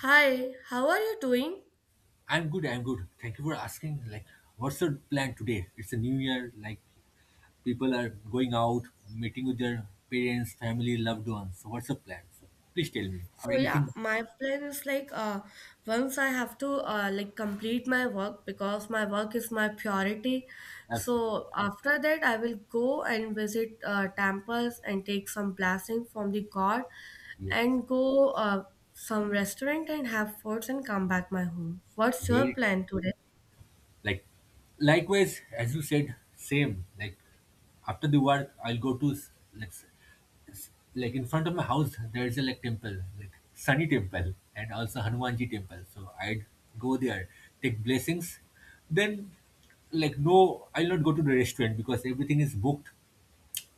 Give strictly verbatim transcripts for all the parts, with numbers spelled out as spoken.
Hi, how are you doing? I'm good, I'm good. Thank you for asking. Like, what's your plan today? It's a new year, like, people are going out, meeting with their parents, family, loved ones. So, what's your plan? So, please tell me, or So yeah, anything my plan is like uh once I have to uh like complete my work because my work is my priority. else with you. So after that I will go and visit uh temples and take some blessing from the god Yes, and go uh some restaurant and have foods and come back my home. What's your very plan today? like likewise as you said same like after the work I'll go to s- like s- s- like in front of my house there is a like temple like sunny temple and also hanumanji temple so I'd go there, take blessings, then like no I'll not go to the restaurant because everything is booked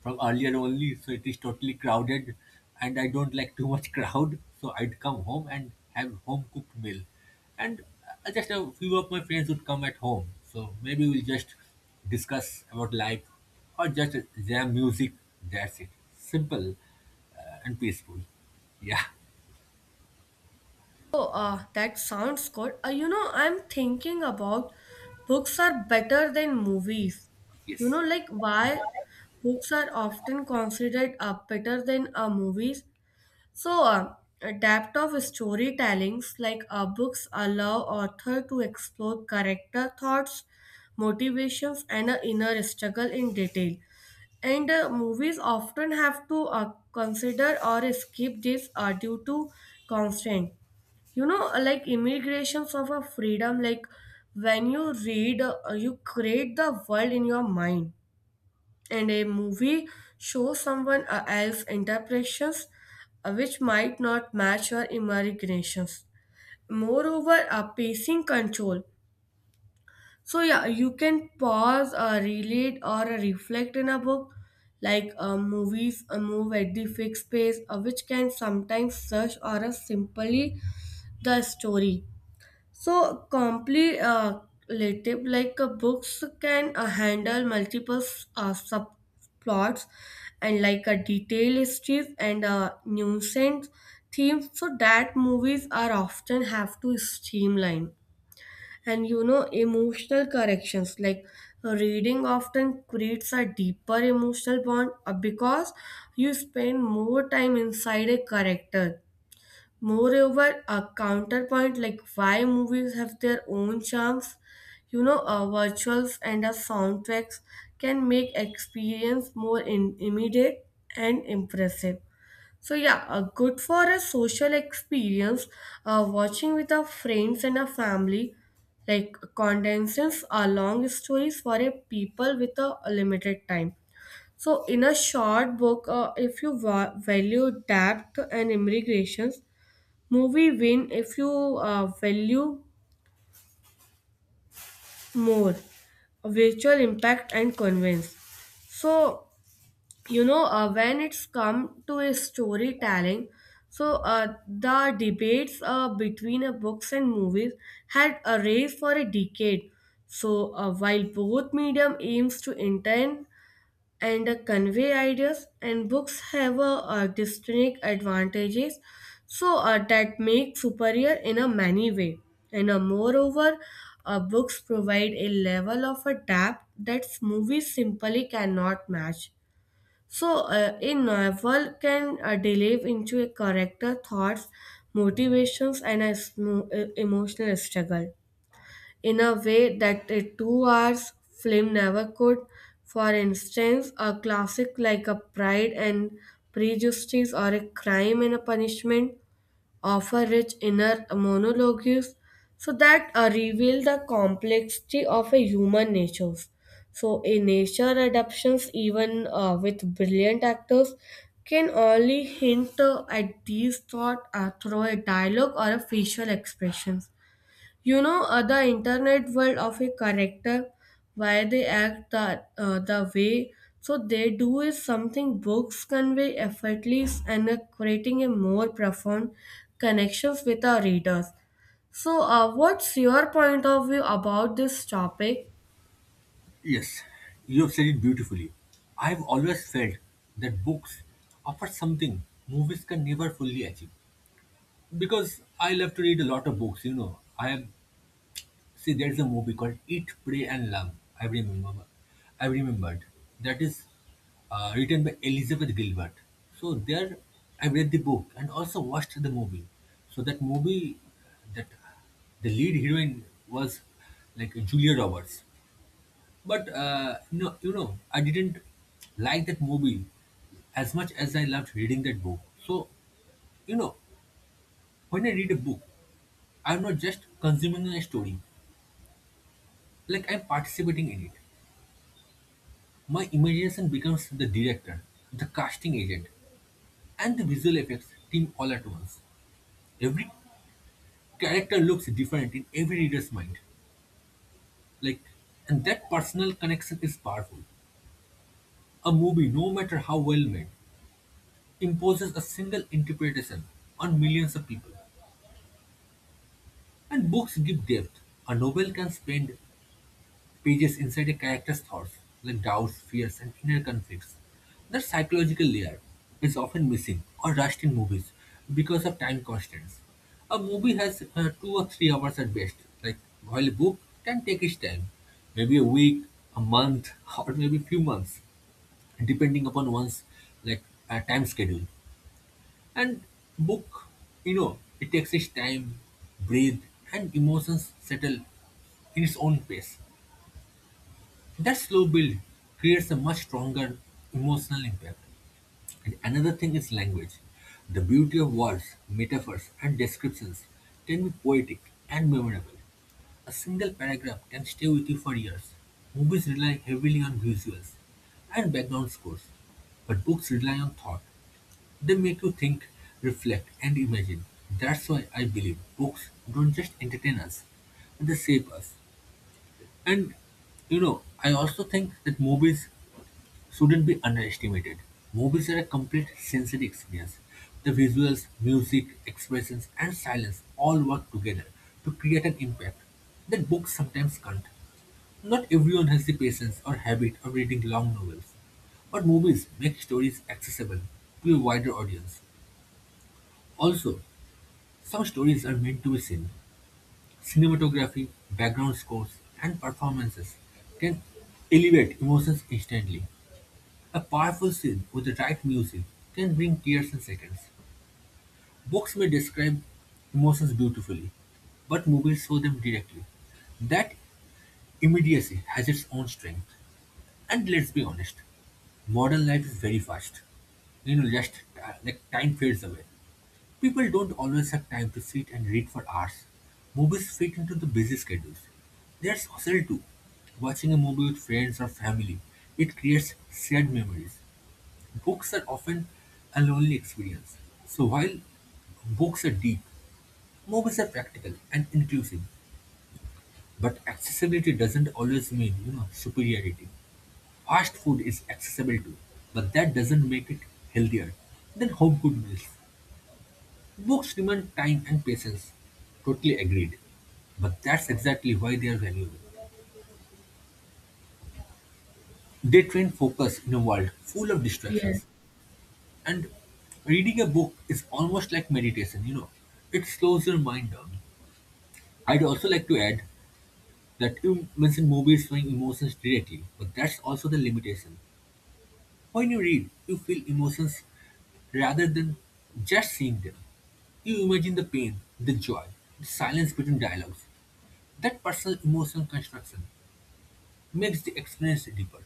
from earlier only, so it is totally crowded and I don't like too much crowd. So I'd come home and have home cooked meal. And uh, just a few of my friends would come at home. So maybe we'll just discuss about life or just jam music. That's it. Simple uh, and peaceful. Yeah, Oh, uh, that sounds good. Uh, you know, I'm thinking about books are better than movies. You know, yes, like why books are often considered uh, better than uh, movies. So, uh, a depth of storytellings, like uh, books allow author to explore character thoughts, motivations, and uh, inner struggle in detail. And uh, movies often have to uh, consider or skip this uh, due to constraint, you know, uh, like immigration of a freedom, like when you read uh, you create the world in your mind, and a movie shows someone uh, else interpretations, uh, which might not match your imaginations. Moreover, a pacing control, so yeah, you can pause, uh, relate or uh, reflect in a book, like uh, movies uh, move at the fixed pace, uh, which can sometimes search or uh, simply the story. So completive, like uh, books can uh, handle multiple uh, subplots and like a detailed histories and uh, nuisance themes, so that movies are often have to streamline. And you know, emotional corrections, like uh, reading often creates a deeper emotional bond uh, because you spend more time inside a character. Moreover, a counterpoint like why movies have their own charms, you know, uh, virtuals and uh, soundtracks can make experience more in- immediate and impressive. So yeah, uh, good for a social experience, uh, watching with our friends and a family, like condenses are long stories for a people with a limited time. So in a short book, uh, if you va- value depth and immigrations, movie win if you uh, value more visual impact and convince. So you know, uh, when it's come to a storytelling, so uh, the debates uh, between uh, books and movies had a race for a decade. So uh, while both medium aims to entertain and uh, convey ideas, and books have uh, uh, distinct advantages, so uh, that make superior in a many way. And uh, moreover, uh, books provide a level of a depth that movies simply cannot match. So uh, a novel can uh, delve into a character thoughts, motivations, and a smo- uh, emotional struggle in a way that a two hours film never could. For instance, a classic like a Pride and Prejudice or a Crime and a Punishment offer rich inner monologues, so that uh, reveal the complexity of a human nature. So, a nature adaptations, even uh, with brilliant actors, can only hint uh, at these thoughts uh, through a dialogue or a facial expression. You know, uh, the internet world of a character, why they act that uh, the way so they do is something books convey effortless, and uh, creating a more profound connections with our readers. So, uh, what's your point of view about this topic? yes. You have said it beautifully. I've always felt that books offer something movies can never fully achieve. Because I love to read a lot of books, you know. I have see there's a movie called Eat, Pray and Love. I remember I remembered. That is uh, written by Elizabeth Gilbert. So there I read the book and also watched the movie. So that movie, that, the lead heroine was like Julia Roberts. But uh, no, you know, I didn't like that movie as much as I loved reading that book. So, you know, when I read a book, I'm not just consuming a story, like I'm participating in it. My imagination becomes the director, the casting agent, and the visual effects team all at once. Every character looks different in every reader's mind. Like, and that personal connection is powerful. A movie, no matter how well made, imposes a single interpretation on millions of people. And books give depth. A novel can spend pages inside a character's thoughts, like doubts, fears, and inner conflicts. That psychological layer is often missing or rushed in movies because of time constraints. A movie has uh, two or three hours at best, like while a book can take its time, maybe a week, a month, or maybe few months, depending upon one's like uh, time schedule. And book, you know, it takes its time, breathe, and emotions settle in its own pace. That slow build creates a much stronger emotional impact. And another thing is language. The beauty of words, metaphors, and descriptions can be poetic and memorable. A single paragraph can stay with you for years. Movies rely heavily on visuals and background scores, but books rely on thought. They make you think, reflect, and imagine. That's why I believe books don't just entertain us, they shape us. And you know, I also think that movies shouldn't be underestimated. Movies are a complete sensory experience. The visuals, music, expressions, and silence all work together to create an impact that books sometimes can't. Not everyone has the patience or habit of reading long novels, but movies make stories accessible to a wider audience. Also, some stories are meant to be seen. Cinematography, background scores, and performances can elevate emotions instantly. A powerful scene with the right music can bring tears in seconds. Books may describe emotions beautifully, but movies show them directly. That immediacy has its own strength. And let's be honest, modern life is very fast. You know, just uh, like time fades away. People don't always have time to sit and read for hours. Movies fit into the busy schedules. They're social too. Watching a movie with friends or family, it creates shared memories. Books are often a lonely experience. So while books are deep, movies are practical and inclusive. But accessibility doesn't always mean, you know, superiority. Fast food is accessible too, but that doesn't make it healthier than home cooked meals. Books demand time and patience. Totally agreed. But that's exactly why they are valuable. They train focus in a world full of Yes. distractions. And reading a book is almost like meditation, you know. It slows your mind down. I'd also like to add that you mentioned movies showing emotions directly, but that's also the limitation. When you read, you feel emotions rather than just seeing them. You imagine the pain, the joy, the silence between dialogues. That personal emotional construction makes the experience deeper.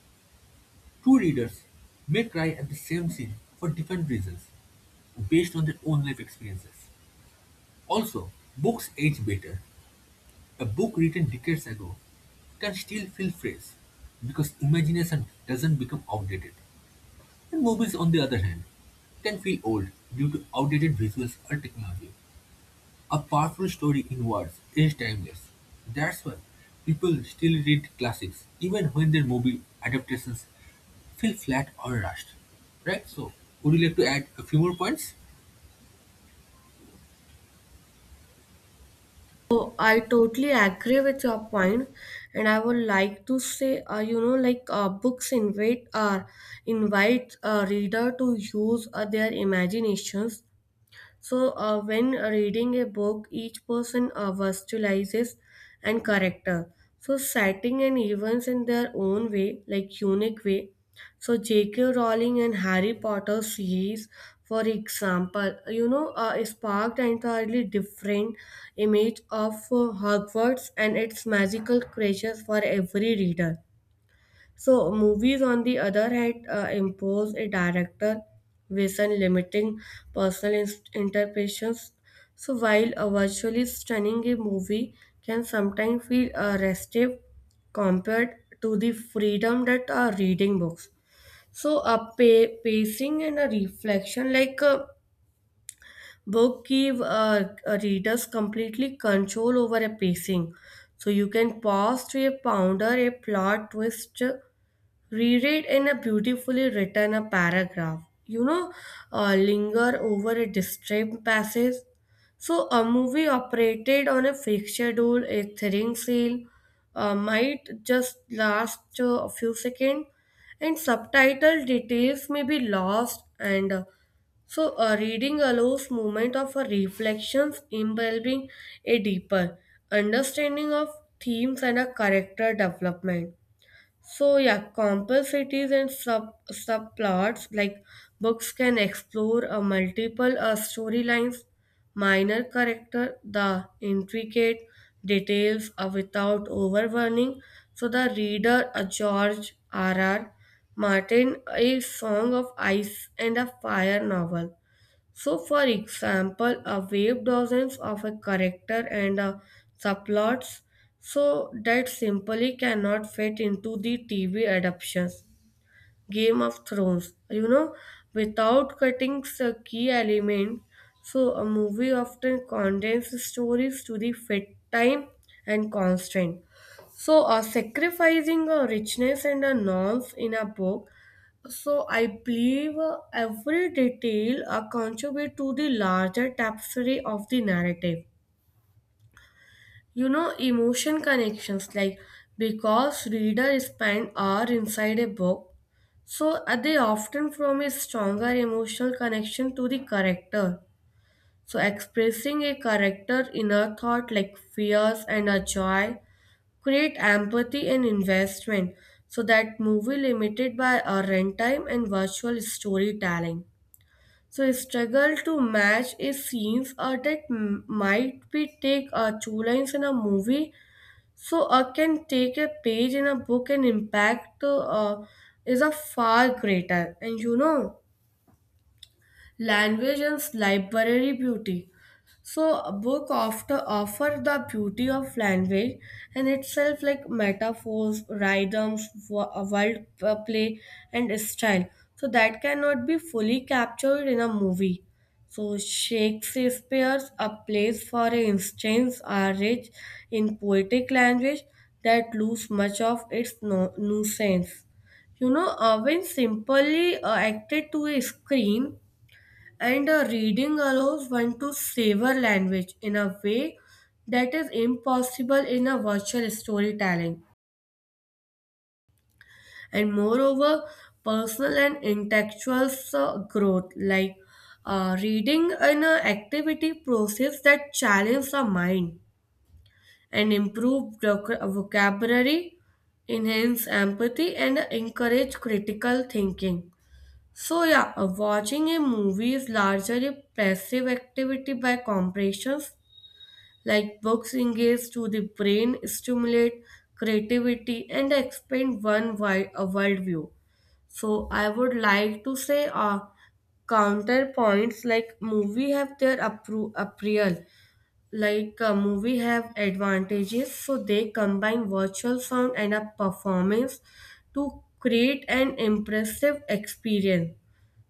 Two readers may cry at the same scene for different reasons based on their own life experiences. Also, books age better. A book written decades ago can still feel fresh because imagination doesn't become outdated. And movies, on the other hand, can feel old due to outdated visuals or technology. A powerful story in words is timeless. That's why people still read classics even when their movie adaptations feel flat or rushed. Right? So, would you like to add a few more points? So I totally agree with your point, and I would like to say, uh, you know, like uh, books invite uh, invite a reader to use uh, their imaginations. So, uh, when reading a book, each person uh, versatilizes and character. So, setting and events in their own way, like unique way. So, J K. Rowling and Harry Potter series, for example, you know, uh, sparked entirely different image of uh, Hogwarts and its magical creatures for every reader. So, movies, on the other hand, uh, impose a director vision, limiting personal ins- interpretations. So, while uh, virtually stunning, a movie can sometimes feel uh, restive compared to the freedom that uh, reading books. So, a pa- pacing and a reflection, like a book, give uh, uh, readers completely control over a pacing. So, you can pause to a ponder a plot twist, reread in a beautifully written a paragraph, you know, uh, linger over a disturbing passage. So a movie operated on a fixed schedule, a thrilling sale uh, might just last uh, a few seconds, and subtitle details may be lost. And uh, so a reading allows moment of a reflections involving a deeper understanding of themes and a character development. So yeah, complexities and sub subplots, like books can explore a multiple uh, storylines, minor character, the intricate details uh, without overwhelming. So the reader, a George R. R. Martin, a Song of Ice and a Fire novel, so, for example, a wave dozens of a character and a subplots, so that simply cannot fit into the T V adaptations. Game of Thrones, you know, without cutting the key element. So, a movie often condenses stories to the fit time and constraint. So, uh, sacrificing a richness and a norms in a book, so I believe uh, every detail uh, contribute to the larger tapestry of the narrative. You know, emotion connections, like because reader spend hour inside a book, so uh, they often form a stronger emotional connection to the character. So expressing a character inner thought like fears and a joy create empathy and investment. So that movie limited by a runtime and virtual storytelling. So I struggle to match is scenes uh, that m- might be take uh, two lines in a movie, so I can take a page in a book, and impact uh, is a far greater. And you know, language and library beauty. So a book often offer the beauty of language and itself, like metaphors, rhythms, wo- word uh, play and style. So that cannot be fully captured in a movie. So Shakespeare's A Place for Instance are rich in poetic language that lose much of its no- nuisance. You know, uh, when simply uh, acted to a screen, and uh, reading allows one to savor language in a way that is impossible in a virtual storytelling. And moreover, personal and intellectual uh, growth, like uh, reading an uh, activity process that challenges the mind and improve voc- vocabulary, enhance empathy, and encourage critical thinking. So yeah, uh, watching a movie is largely a passive activity by compression, like books engage to the brain, stimulate creativity, and expand one wide a worldview. So I would like to say uh, counterpoints like movie have their appro- appeal. Like a movie have advantages, so they combine virtual sound and a performance to create an impressive experience.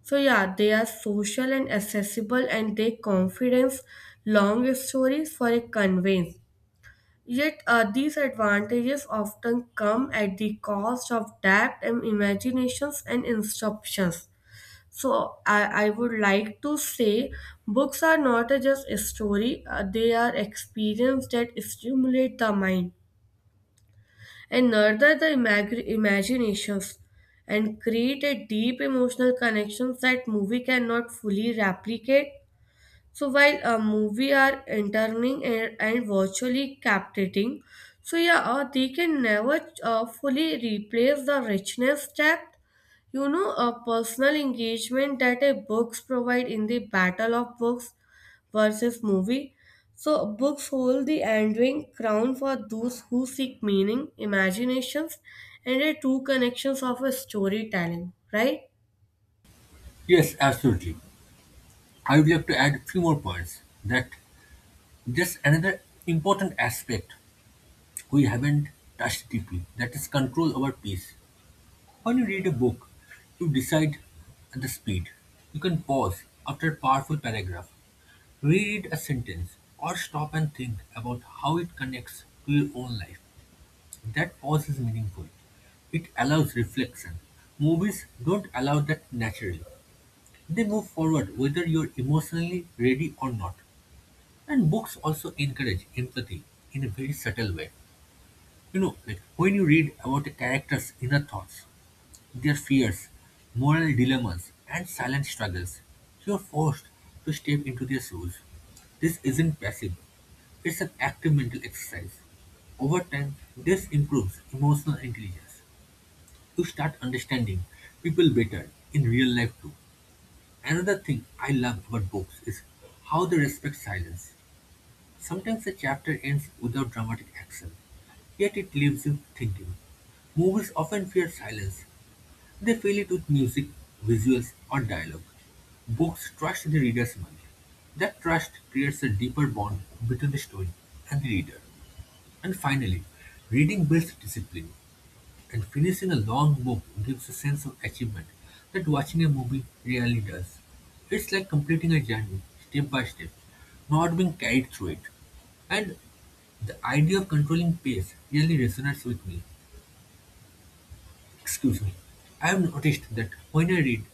So yeah, they are social and accessible, and they confidence long stories for a conveyance. Yet uh, these advantages often come at the cost of depth and imaginations and instructions. So I, I would like to say books are not a just a story, uh, they are experience that stimulate the mind and nurture the imag- imaginations and create a deep emotional connection that movie cannot fully replicate. So while a movie are entertaining and, and virtually captivating, so yeah, uh, they can never uh, fully replace the richness, depth, you know, a personal engagement that a books provide in the battle of books versus movie. So books hold the enduring crown for those who seek meaning, imaginations, and a true connections of a storytelling, right? Yes, absolutely. I would like to add a few more points that there's another important aspect we haven't touched deeply, that is control over peace. When you read a book, you decide the speed. You can pause after a powerful paragraph, reread a sentence, or stop and think about how it connects to your own life. That pause is meaningful. It allows reflection. Movies don't allow that naturally. They move forward whether you're emotionally ready or not. And books also encourage empathy in a very subtle way. You know, like when you read about a character's inner thoughts, their fears, moral dilemmas, and silent struggles. You're forced to step into their shoes. This isn't passive, it's an active mental exercise. Over time, this improves emotional intelligence. You start understanding people better in real life too. Another thing I love about books is how they respect silence. Sometimes a chapter ends without dramatic action, yet it leaves you thinking. Movies often fear silence, they fill it with music, visuals, or dialogue. Books trust the reader's mind. That trust creates a deeper bond between the story and the reader. And finally, reading builds discipline, and finishing a long book gives a sense of achievement that watching a movie rarely does. It's like completing a journey step by step, not being carried through it. And the idea of controlling pace really resonates with me. Excuse me. I've noticed that when I read,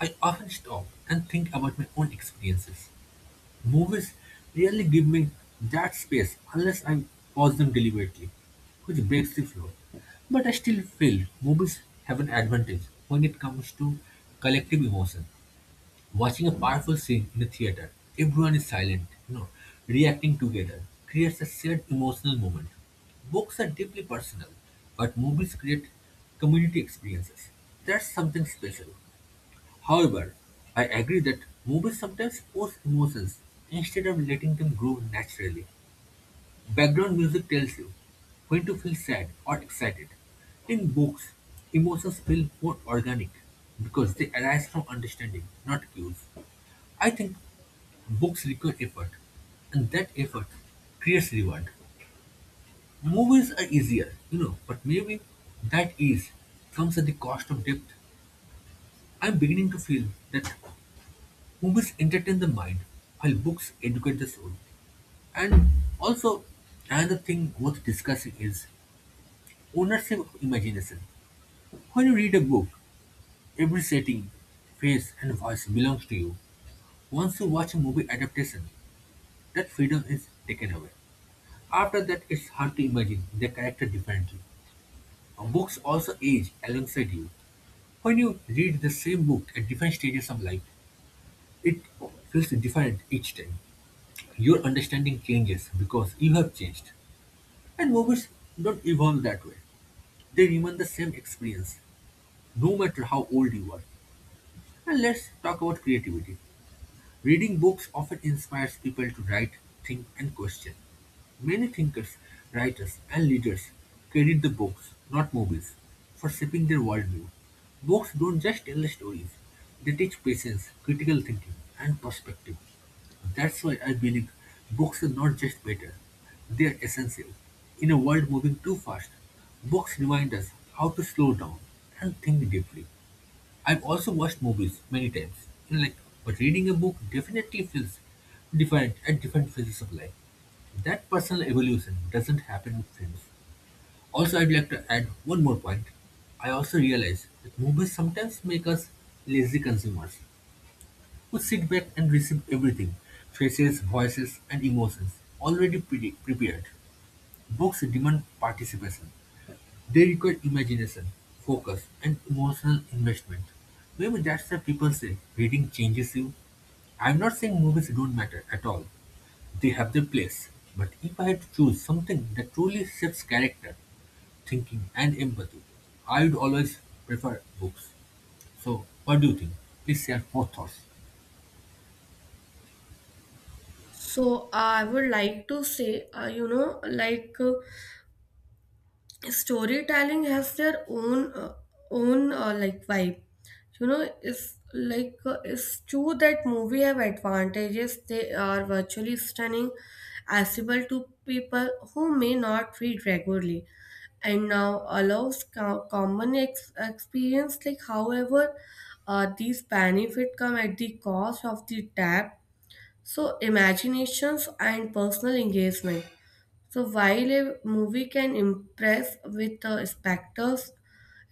I often stop and think about my own experiences. Movies rarely give me that space unless I pause them deliberately, which breaks the flow. But I still feel movies have an advantage when it comes to collective emotion. Watching a powerful scene in a theater, everyone is silent, you know, reacting together, creates a shared emotional moment. Books are deeply personal, but movies create community experiences. That's something special. However, I agree that movies sometimes force emotions instead of letting them grow naturally. Background music tells you when to feel sad or excited. In books, emotions feel more organic because they arise from understanding, not cues. I think books require effort, and that effort creates reward. Movies are easier, you know, but maybe that ease comes at the cost of depth. I'm beginning to feel that movies entertain the mind while books educate the soul. And also, another thing worth discussing is ownership of imagination. When you read a book, every setting, face, and voice belongs to you. Once you watch a movie adaptation, that freedom is taken away. After that, it's hard to imagine their character differently. Uh, Books also age alongside you. When you read the same book at different stages of life, it feels different each time. Your understanding changes because you have changed. And movies don't evolve that way. They remain the same experience, no matter how old you are. And let's talk about creativity. Reading books often inspires people to write, think, and question. Many thinkers, writers, and leaders credit the books, not movies, for shaping their worldview. Books don't just tell stories, they teach patience, critical thinking, and perspective. That's why I believe books are not just better, they are essential. In a world moving too fast, books remind us how to slow down and think deeply. I've also watched movies many times. You like, but reading a book definitely feels different at different phases of life. That personal evolution doesn't happen with films. Also, I'd like to add one more point. I also realize that movies sometimes make us lazy consumers who sit back and receive everything, faces, voices, and emotions already pre- prepared. Books demand participation, they require imagination, focus, and emotional investment. Maybe that's why people say reading changes you. I'm not saying movies don't matter at all, they have their place. But if I had to choose something that truly shapes character, thinking, and empathy, I would always prefer books. So, what do you think? Please share more thoughts. So I would like to say, uh, you know, like. Uh, storytelling has their own uh, own uh, like vibe, you know. It's like uh, it's true that movie have advantages. They are virtually stunning, accessible to people who may not read regularly, and now allows co- common ex- experience. Like, however, uh, these benefit come at the cost of the depth, so imaginations and personal engagement. So while a movie can impress with the spectacles,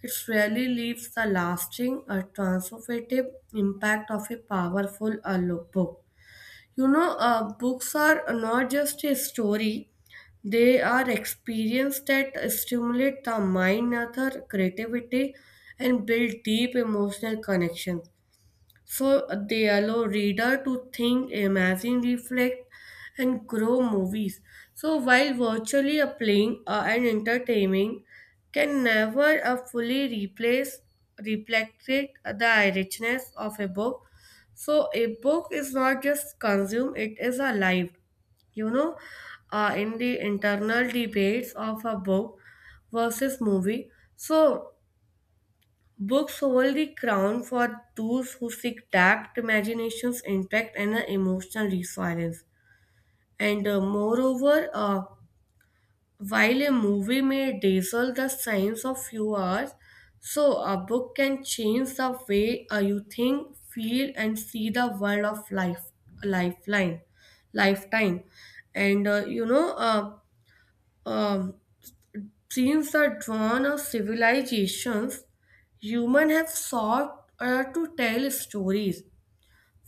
it rarely leaves the lasting or transformative impact of a powerful uh, lo- book. You know, uh, books are not just a story; they are experience that stimulate the mind, author creativity, and build deep emotional connections. So they allow reader to think, imagine, reflect, and grow movies. So while virtually a playing uh, and entertaining, can never uh, fully replace replicate the richness of a book. So a book is not just consumed; it is alive, you know, uh, in the internal debates of a book versus movie. So books hold the crown for those who seek depth, imaginations, intact, and an emotional resilience. And uh, moreover, uh, while a movie may dazzle the science of few hours, so a book can change the way uh, you think, feel, and see the world of life, lifeline, lifetime. And uh, you know, uh, um, since the dawn of civilizations, humans have sought uh, to tell stories,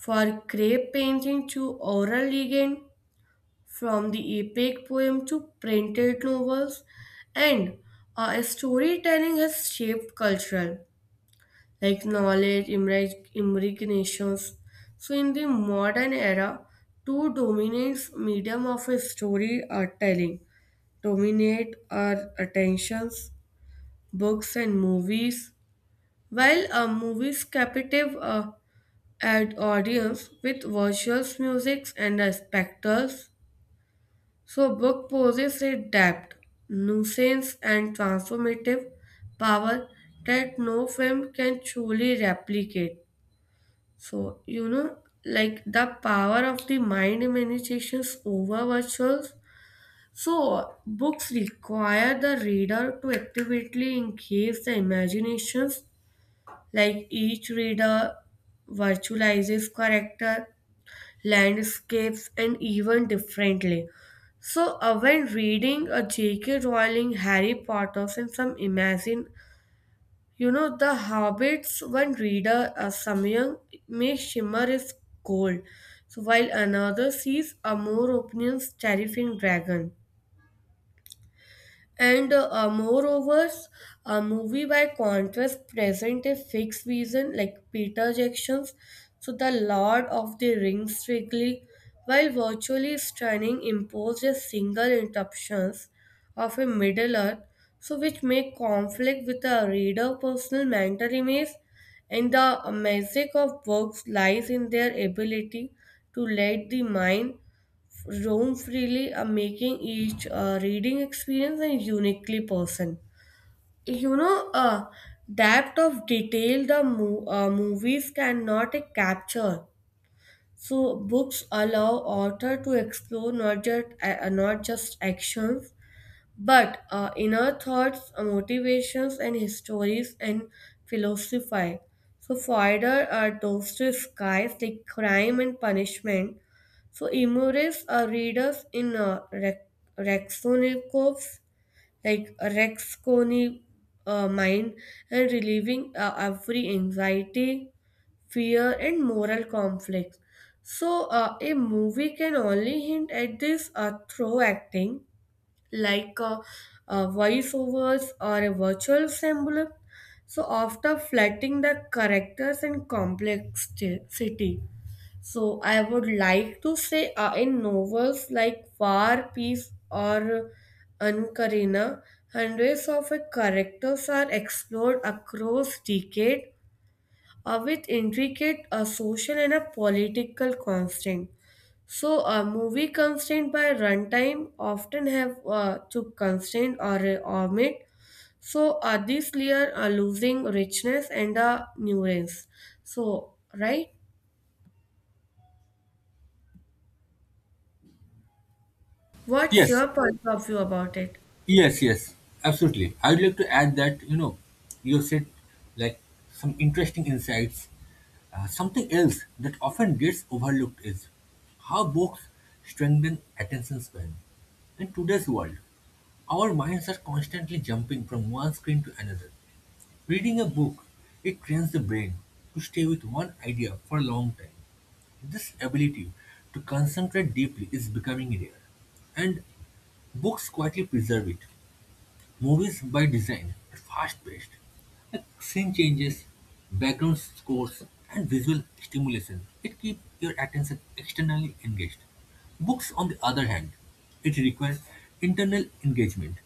for crape painting to oral legend, from the epic poem to printed novels, and uh, storytelling has shaped culture, like knowledge, imag- imaginations. So, in the modern era, two dominant medium of a story are telling dominate our attentions, books and movies. While uh, movies captive uh, an audience with visuals, music, and uh, spectacles, so book poses a depth, nuisance, and transformative power that no film can truly replicate. So you know, like the power of the mind immunizations over visuals. So books require the reader to actively engage the imaginations. Like each reader virtualizes character, landscapes, and even differently. So uh, when reading a J K. Rowling, Harry Potter's, and some imagine, you know, the Hobbits, one reader, uh, Samyang, may shimmer is cold, so while another sees a more opinion's terrifying dragon. And uh, moreover, a movie by contrast present a fixed vision, like Peter Jackson's. So the Lord of the Rings strictly, while virtually stunning, imposed a single interruptions of a Middle Earth, so which make conflict with the reader personal mental image, and the magic of books lies in their ability to let the mind roam freely, uh, making each uh, reading experience and uniquely person. You know, uh, depth of detail the mo- uh, movies cannot uh, capture. So books allow author to explore not just uh, not just actions but uh, inner thoughts, uh, motivations, and histories and philosophy. So further are those two skies like crime and punishment. So immerse uh, readers in uh, Re- Raskolnikov's like Raskolnikov uh, mind and relieving uh, every anxiety, fear, and moral conflict. So uh, a movie can only hint at this uh, through acting like uh, uh, voiceovers or a virtual symbol. So after flattening the characters and complexity. So I would like to say uh, in novels like War, Peace or Ankarina, hundreds of uh, characters are explored across decades uh, with intricate uh, social and a political constraint. So, a movie constrained by runtime often have uh, to constrain or uh, omit. So, uh, this layer are losing richness and uh, nuance. So, right? What's Yes, your point of view about it? yes, yes, absolutely. I would like to add that, you know, you said like some interesting insights. Uh, something else that often gets overlooked is how books strengthen attention span. In today's world, our minds are constantly jumping from one screen to another. Reading a book, it trains the brain to stay with one idea for a long time. This ability to concentrate deeply is becoming rare, and books quietly preserve it. Movies by design are fast-paced, like scene changes, background scores, and visual stimulation. It keeps your attention externally engaged. Books, on the other hand, it requires internal engagement.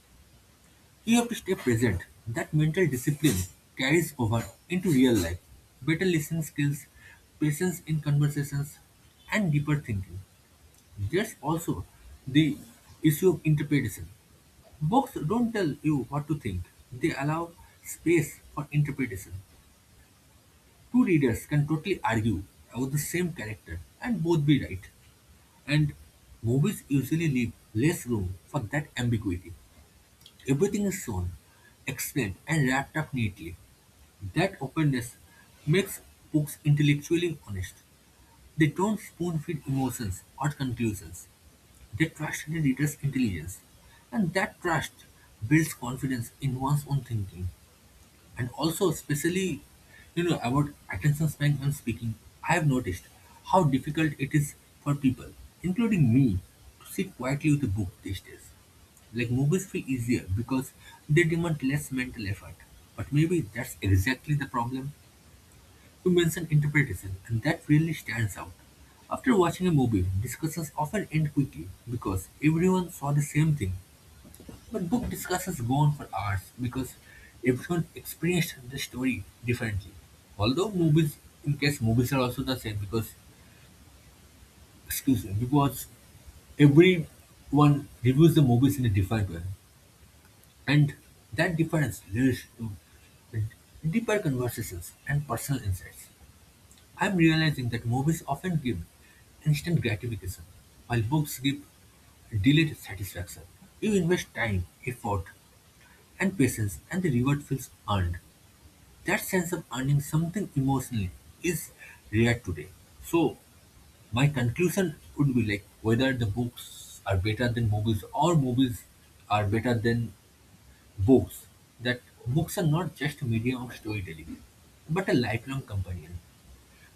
You have to stay present. That mental discipline carries over into real life. Better listening skills, patience in conversations, and deeper thinking. There's also the issue of interpretation. Books don't tell you what to think, they allow space for interpretation. Two readers can totally argue about the same character and both be right. And movies usually leave less room for that ambiguity. Everything is shown, explained, and wrapped up neatly. That openness makes books intellectually honest. They don't spoon feed emotions or conclusions. They trust the reader's intelligence, and that trust builds confidence in one's own thinking. And also, especially, you know, about attention span and speaking, I have noticed how difficult it is for people, including me, to sit quietly with a book these days. Like movies feel easier because they demand less mental effort. But maybe that's exactly the problem. You mentioned interpretation, and that really stands out. After watching a movie, discussions often end quickly because everyone saw the same thing, but book discussions go on for hours because everyone experienced the story differently. Although movies, in case movies are also the same because, excuse me, because everyone reviews the movies in a different way. And that difference leads to deeper conversations and personal insights. I'm realizing that movies often give instant gratification, while books give delayed satisfaction. You invest time, effort, and patience and the reward feels earned. That sense of earning something emotionally is rare today. So my conclusion would be like whether the books are better than movies or movies are better than books, that books are not just a medium of storytelling, but a lifelong companion.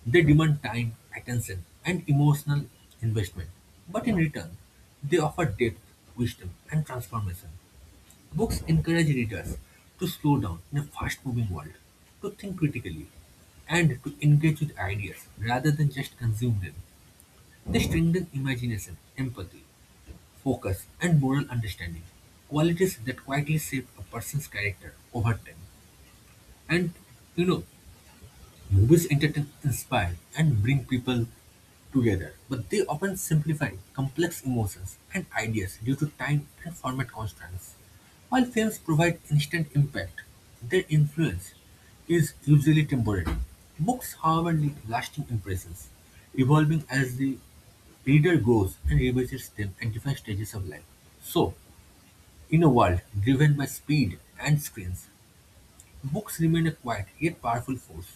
They demand time, attention, and emotional investment. But in return, they offer depth, wisdom, and transformation. Books encourage readers to slow down in a fast moving world, to think critically, and to engage with ideas rather than just consume them. They strengthen imagination, empathy, focus, and moral understanding, qualities that quietly shape a person's character over time. And you know, movies entertain, inspire, and bring people together, but they often simplify complex emotions and ideas due to time and format constraints. While films provide instant impact, their influence is usually temporary. Books, however, leave lasting impressions, evolving as the reader grows and revisits them at different stages of life. So, in a world driven by speed and screens, books remain a quiet yet powerful force,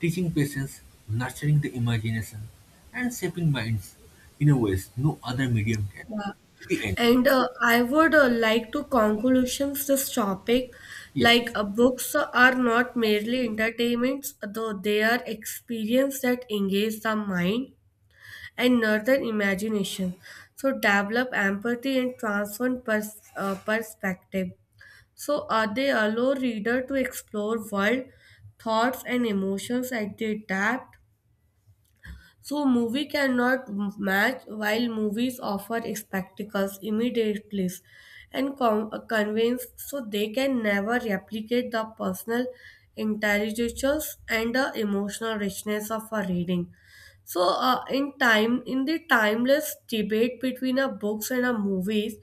teaching patience, nurturing the imagination, and shaping minds in a ways no other medium can. Yeah. The end. And uh, I would uh, like to conclusions this topic. Yes, Like yes, uh, books are not merely entertainments, though they are experience that engage the mind and northern imagination. So develop empathy and transform pers- uh, perspective. So uh, they allow reader to explore world thoughts and emotions as they adapt, so movie cannot match. While movies offer spectacles, immediately and con- uh, convince, so they can never replicate the personal intelligence and the emotional richness of a reading. So uh, in time in the timeless debate between a books and a movies,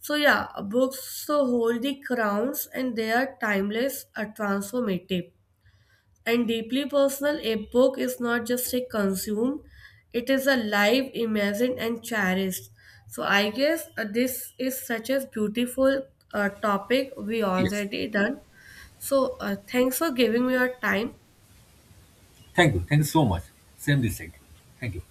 so yeah, books so hold the crowns, and they are timeless, are transformative and deeply personal. A book is not just a consumed, it is a live, imagined, and cherished. So I guess uh, this is such a beautiful uh, topic we yes. already done. So uh, thanks for giving me your time. Thank you. Thank you so much. Same this side. Thank you.